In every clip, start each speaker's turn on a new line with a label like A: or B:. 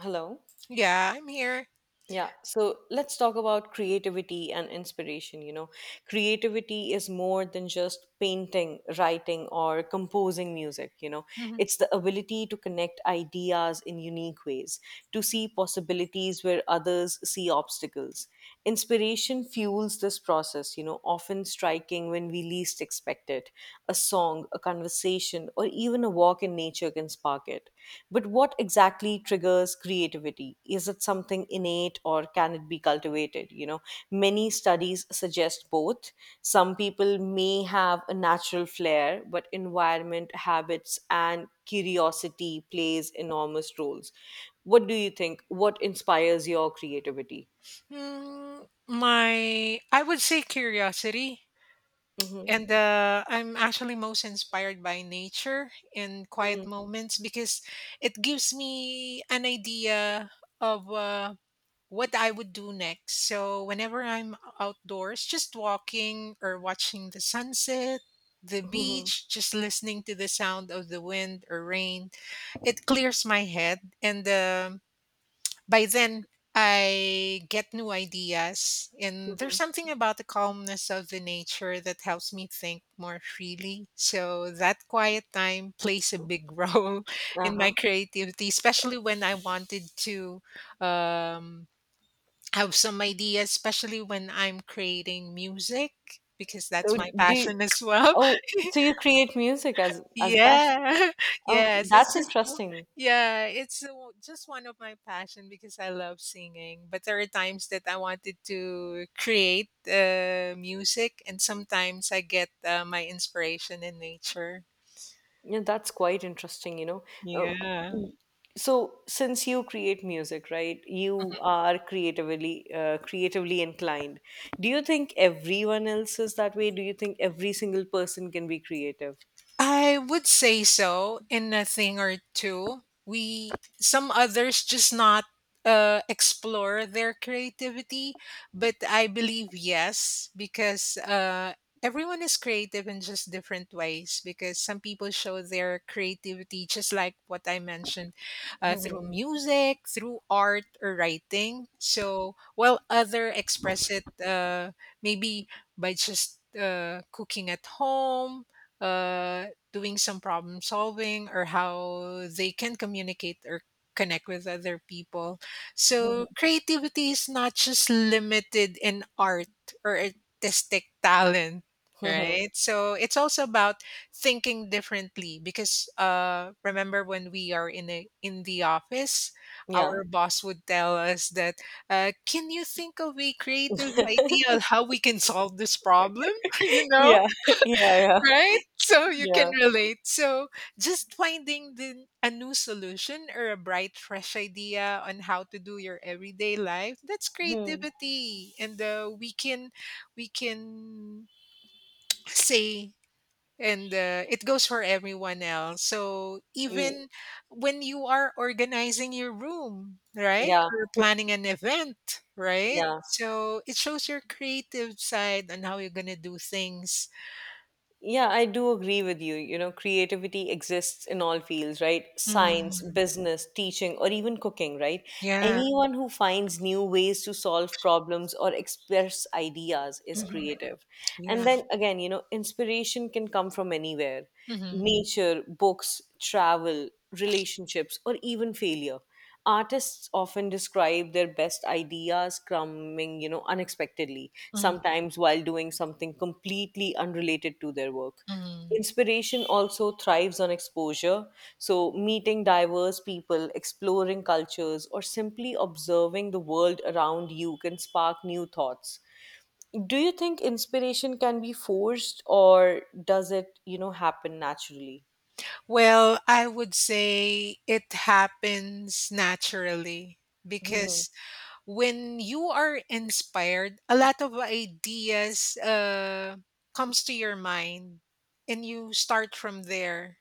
A: Hello.
B: Yeah, I'm here.
A: Yeah. So let's talk about creativity and inspiration. Creativity is more than just painting, writing, or composing music. You know,
B: Mhm.
A: it's the ability to connect ideas in unique ways, to see possibilities where others see obstacles. Inspiration fuels this process, often striking when we least expect it. A song, a conversation, or even a walk in nature can spark it. But what exactly triggers creativity? Is it something innate or can it be cultivated? Many studies suggest both. Some people may have a natural flair, but environment, habits, and curiosity plays enormous roles. What do you think? What inspires your creativity?
B: My I would say curiosity,
A: Mm-hmm.
B: and I'm actually most inspired by nature and
A: Mm-hmm.
B: quiet moments because it gives me an idea of what I would do next. So whenever I'm outdoors, just walking or watching the sunset, the
A: Mm-hmm.
B: beach, just listening to the sound of the wind or rain, it clears my head and. By then, I get new ideas, and there's
A: Mm-hmm.
B: something about the calmness of the nature that helps me think more freely. So, that quiet time plays a big role in my
A: Uh-huh.
B: creativity, especially when I wanted to um, have some ideas, especially when I'm creating music, because that's
A: So
B: my
A: do you,
B: passion as well.
A: oh, so you create music as a passion.
B: Yeah.
A: Okay,
B: Yes, it's
A: that's
B: just w
A: interesting.
B: yeah, it's, just one of my passion because I love singing, but there are times that I wanted to create, music, and sometimes I get, my inspiration in nature.
A: Yeah, that's quite interesting. Uh,
B: Yeah.
A: so, since you create music, right, you are creatively inclined. Do you think everyone else is that way? Do you think every single person can be creative?
B: I would say so in a thing or two. We some others just not explore their creativity, but I believe yes because everyone is creative in just different ways. Because some people show their creativity just like what I mentioned, through music, through art or writing. So while other express it, maybe by just cooking at home, uh doing some problem solving or how they can communicate or connect with other people. So
A: Mhm.
B: creativity is not just limited in art or artistic talent,
A: Mhm.
B: right? So it's also about thinking differently because remember when we are in the office,
A: Yeah.
B: our boss would tell us that, can you think of a creative idea on how we can solve this problem? You know?
A: Yeah. Yeah. Yeah.
B: Right? So you can
A: Yeah.
B: relate. So just finding a new solution or a bright, fresh idea on how to do your everyday life, that's
A: Hmm.
B: creativity. And we can say and it goes for everyone else. So
A: Mm,
B: even when you are organizing your room, right?
A: yeah.
B: Or planning an event, right?
A: Yeah.
B: So it shows your creative side on how you're going to do things.
A: Yeah, I do agree with you. Creativity exists in all fields, right?
B: Mhm.
A: Science, business, teaching, or even cooking, right?
B: Yeah.
A: Anyone who finds new ways to solve problems or express ideas is
B: Mhm.
A: creative. And
B: Yeah.
A: then again, inspiration can come from anywhere:
B: Mhm,
A: nature, books, travel, relationships, or even failure. Artists often describe their best ideas coming, unexpectedly,
B: mhm,
A: sometimes while doing something completely unrelated to their work.
B: mhm.
A: Inspiration also thrives on exposure, so meeting diverse people, exploring cultures, or simply observing the world around you can spark new thoughts. Do you think inspiration can be forced or does it happen naturally?
B: Well, I would say it happens naturally because when you are inspired, a lot of ideas comes to your mind, and you start from there.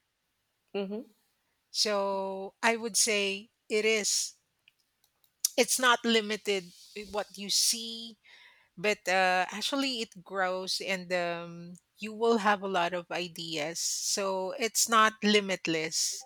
A: Hmm.
B: So I would say it is. It's not limited with what you see but actually it grows and you will have a lot of ideas so it's not limitless.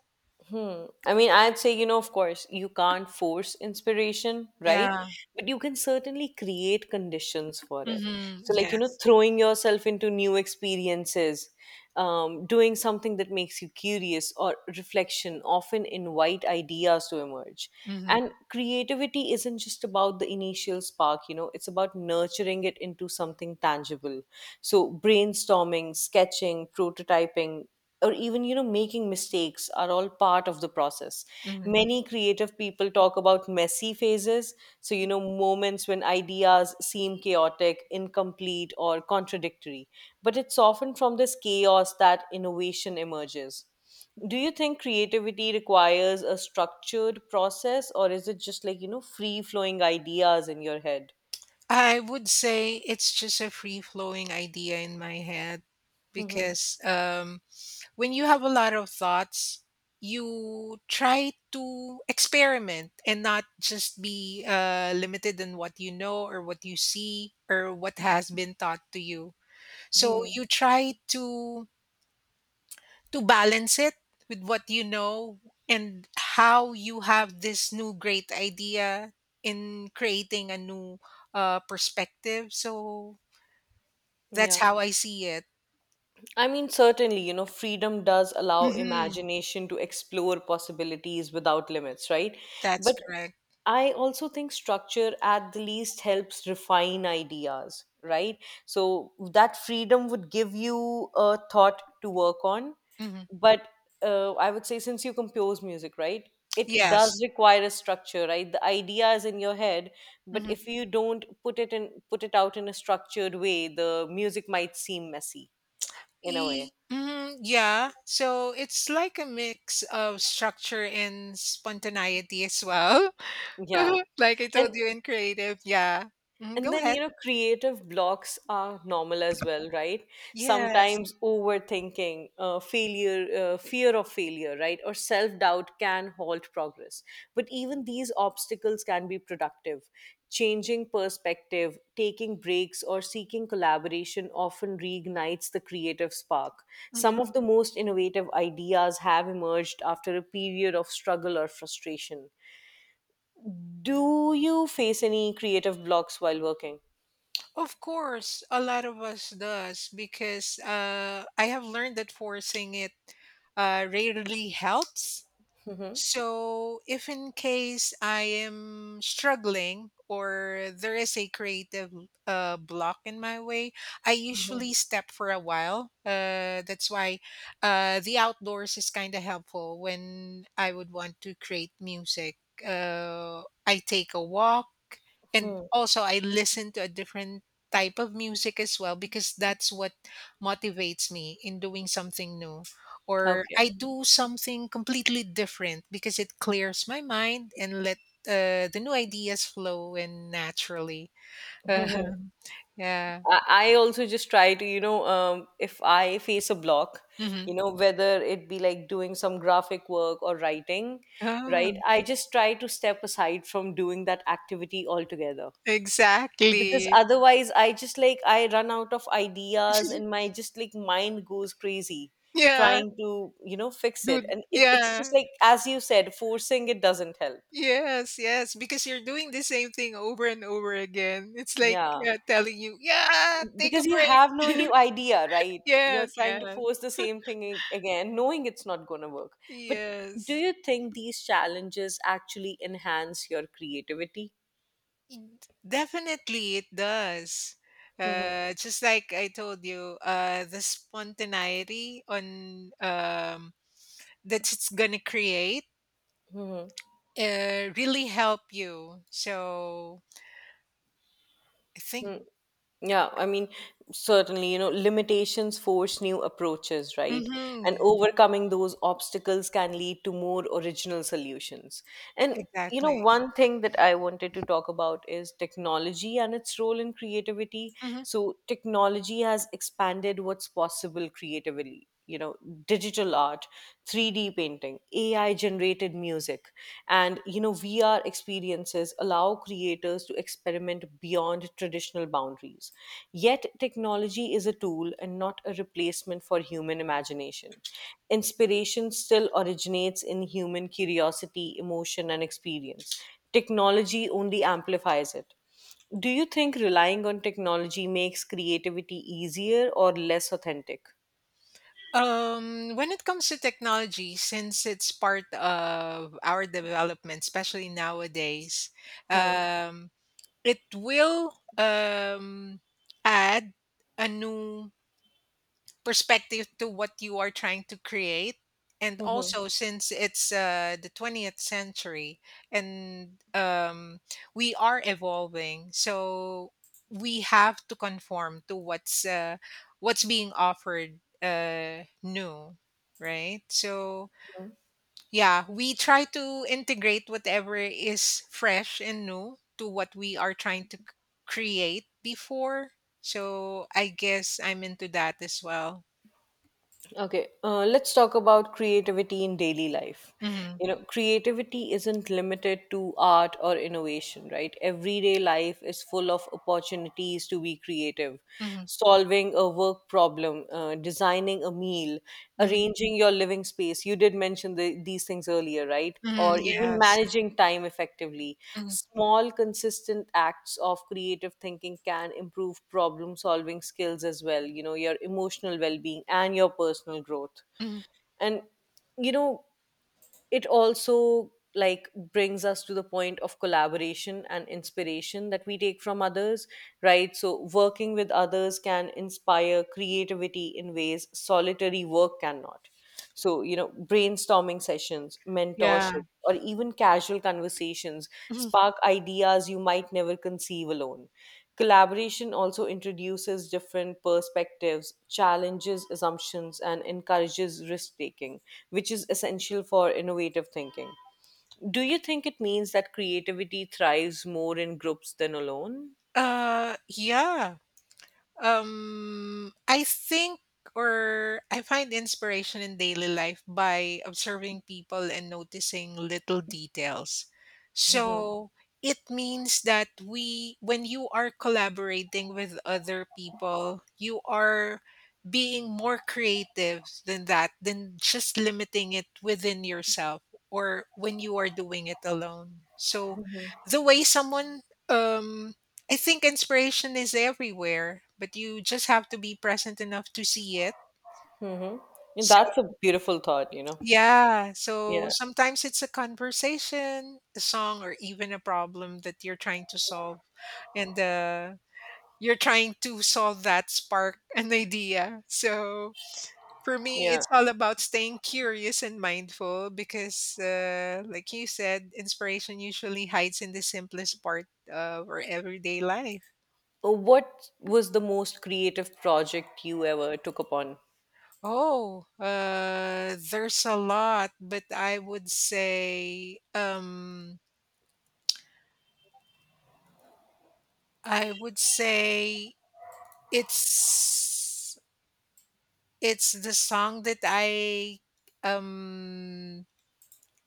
A: Hmm. I mean, I'd say, of course, you can't force inspiration, right?
B: Yeah.
A: But you can certainly create conditions for it.
B: Hmm,
A: So, like,
B: yes.
A: throwing yourself into new experiences, doing something that makes you curious, or reflection often invite ideas to emerge.
B: Hmm.
A: And creativity isn't just about the initial spark, it's about nurturing it into something tangible. So, brainstorming, sketching, prototyping, or even making mistakes are all part of the process.
B: Hmm.
A: Many creative people talk about messy phases, so moments when ideas seem chaotic, incomplete, or contradictory, but it's often from this chaos that innovation emerges. Do you think creativity requires a structured process, or is it just like free flowing ideas in your head?
B: I would say it's just a free flowing idea in my head
A: Hmm.
B: because when you have a lot of thoughts you try to experiment and not just be limited in what you know or what you see or what has been taught to you. So
A: Hmm.
B: you try to balance it with what you know and how you have this new great idea in creating a new perspective. So that's
A: Yeah,
B: how I see it.
A: I mean, certainly, freedom does allow
B: Hmm.
A: imagination to explore possibilities without limits, right?
B: That's
A: But
B: correct.
A: I also think structure at the least helps refine ideas, right? So that freedom would give you a thought to work on.
B: Hmm.
A: But I would say, since you compose music, right? It does
B: Yes.
A: require a structure, right? The idea is in your head, but
B: Hmm.
A: if you don't put it out in a structured way, the music might seem messy in a way.
B: Mhm, yeah. So it's like a mix of structure and spontaneity as well.
A: Yeah.
B: Like I
A: And
B: told you in creative. Yeah. Mhm,
A: and
B: go
A: then
B: ahead.
A: creative blocks are normal as well, right?
B: Yes.
A: Sometimes overthinking, failure, fear of failure, right? Or self-doubt can halt progress. But even these obstacles can be productive. Changing perspective, taking breaks, or seeking collaboration often reignites the creative spark.
B: Mhm.
A: Some of the most innovative ideas have emerged after a period of struggle or frustration. Do you face any creative blocks while working?
B: Of course, a lot of us does because I have learned that forcing it rarely helps.
A: Hmm.
B: So, if in case I am struggling or there is a creative block in my way, I
A: Hmm.
B: usually step for a while. That's why the outdoors is kind of helpful when I would want to create music. I take a walk and
A: Hmm.
B: also I listen to a different type of music as well because that's what motivates me in doing something new or
A: Okay.
B: I do something completely different because it clears my mind and let the new ideas flow and naturally. Uh-huh. Yeah.
A: I also just try to, if I face a block,
B: Hmm.
A: whether it be like doing some graphic work or writing,
B: Oh,
A: right? I just try to step aside from doing that activity altogether. Because
B: exactly.
A: otherwise, I just like, I run out of ideas and my just like mind goes crazy
B: Yeah.
A: trying to, fix it.
B: Good.
A: And it's just
B: Yeah.
A: like, as you said, forcing it doesn't help.
B: Yes, yes, because you're doing the same thing over and over again. It's like,
A: Yeah.
B: telling you, yeah, take a
A: Because you
B: break.
A: have no new idea, right? You're
B: Yes,
A: trying to
B: yes,
A: force the same thing again, knowing it's not going to work. But do
B: yes.
A: you think these challenges actually enhance your creativity?
B: Definitely, it does.
A: Mhm,
B: Just like I told you, the spontaneity on that it's gonna create,
A: mhm,
B: really help you. So I think,
A: mhm. Yeah, I mean, certainly, limitations force new approaches, right? And
B: hmm,
A: overcoming those obstacles can lead to more original solutions. And, you know,
B: exactly.
A: one thing that I wanted to talk about is technology and its role in creativity.
B: Hmm.
A: So, technology has expanded what's possible creatively. Digital art, 3D painting, AI generated music. And VR experiences allow creators to experiment beyond traditional boundaries. Yet, technology is a tool and not a replacement for human imagination. Inspiration still originates in human curiosity, emotion, and experience. Technology only amplifies it. Do you think relying on technology makes creativity easier or less authentic?
B: When it comes to technology, since it's part of our development, especially nowadays,
A: Hmm.
B: um, it will um, add a new perspective to what you are trying to create, and
A: Hmm.
B: also since it's, the 20th century and, we are evolving so we have to conform to what's, what's being offered, new, right? So yeah, we try to integrate whatever is fresh and new to what we are trying to create before. So I guess I'm into that as well.
A: Okay, let's talk about creativity in daily life.
B: Mm-hmm.
A: Creativity isn't limited to art or innovation, right? Everyday life is full of opportunities to be creative.
B: Mhm,
A: Solving a work problem, designing a meal,
B: mhm,
A: arranging your living space. You did mention these things earlier, right?
B: mhm,
A: Or even
B: yes.
A: managing time effectively.
B: Mhm,
A: Small, consistent acts of creative thinking can improve problem solving skills as well, your emotional well being and your personal growth.
B: mhm.
A: And, you know, it also like brings us to the point of collaboration and inspiration that we take from others. Right, so working with others can inspire creativity in ways solitary work cannot, so brainstorming sessions,
B: Yeah.
A: mentorship, or even casual conversations
B: Mhm.
A: spark ideas you might never conceive alone. Collaboration also introduces different perspectives, challenges assumptions, and encourages risk taking, which is essential for innovative thinking. Do you think it means that creativity thrives more in groups than alone?
B: Yeah. I think or I find inspiration in daily life by observing people and noticing little details.
A: Hmm.
B: So it means that we, when you are collaborating with other people, you are being more creative than that, than just limiting it within yourself or when you are doing it alone. So the way someone um I think inspiration is everywhere, but you just have to be present enough to see it.
A: Hmm.
B: So,
A: That's a beautiful thought.
B: yeah, so
A: Yeah,
B: sometimes it's a conversation, a song, or even a problem that you're trying to solve. And you're trying to solve that spark, an idea. So, for me,
A: yeah.
B: it's all about staying curious and mindful because, like you said, inspiration usually hides in the simplest part of our everyday life.
A: What was the most creative project you ever took upon?
B: Oh, there's a lot, but I would say it's it's the song that I um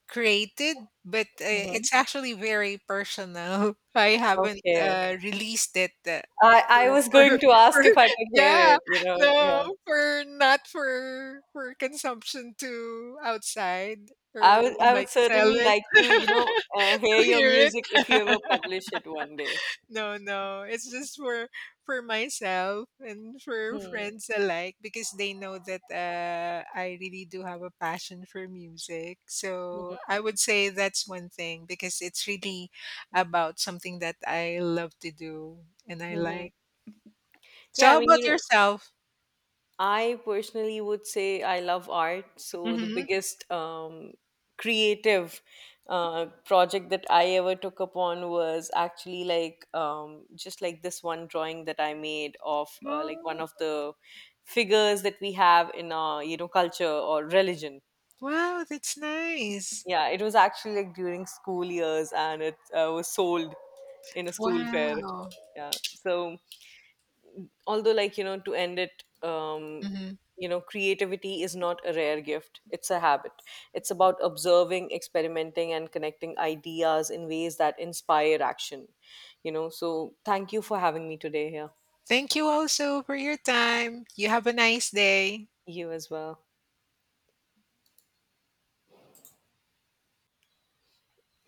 B: created, but
A: Hmm.
B: it's actually very personal. I haven't
A: Okay.
B: released it.
A: I,
B: For,
A: I was
B: for,
A: going to
B: for,
A: ask if I could hear
B: yeah,
A: it.
B: no,
A: Yeah.
B: for not for for consumption to outside
A: I
B: or
A: would I would
B: like sell
A: certainly
B: it.
A: like to, hear
B: To
A: your
B: hear
A: music if you ever publish it one day.
B: no, no. It's just for myself and for
A: Hmm.
B: friends alike because they know that I really do have a passion for music. So I would say that's one thing because it's really about something that I love to do and I
A: Mhm.
B: like. So
A: Yeah, I
B: how
A: mean,
B: about yourself?
A: I personally would say I love art. So the
B: Mm-hmm.
A: biggest creative project that I ever took upon was actually like just like this one drawing that I made of like one
B: Oh,
A: of the figures that we have in our, culture or religion.
B: wow, that's nice.
A: Yeah, it was actually like during school years and it was sold in a school fair.
B: Wow.
A: Yeah. So, although, like, to end it,
B: Hmm.
A: creativity is not a rare gift, it's a habit. It's about observing, experimenting, and connecting ideas in ways that inspire action. So, thank you for having me today here.
B: Thank you also for your time. You have a nice day.
A: You as well.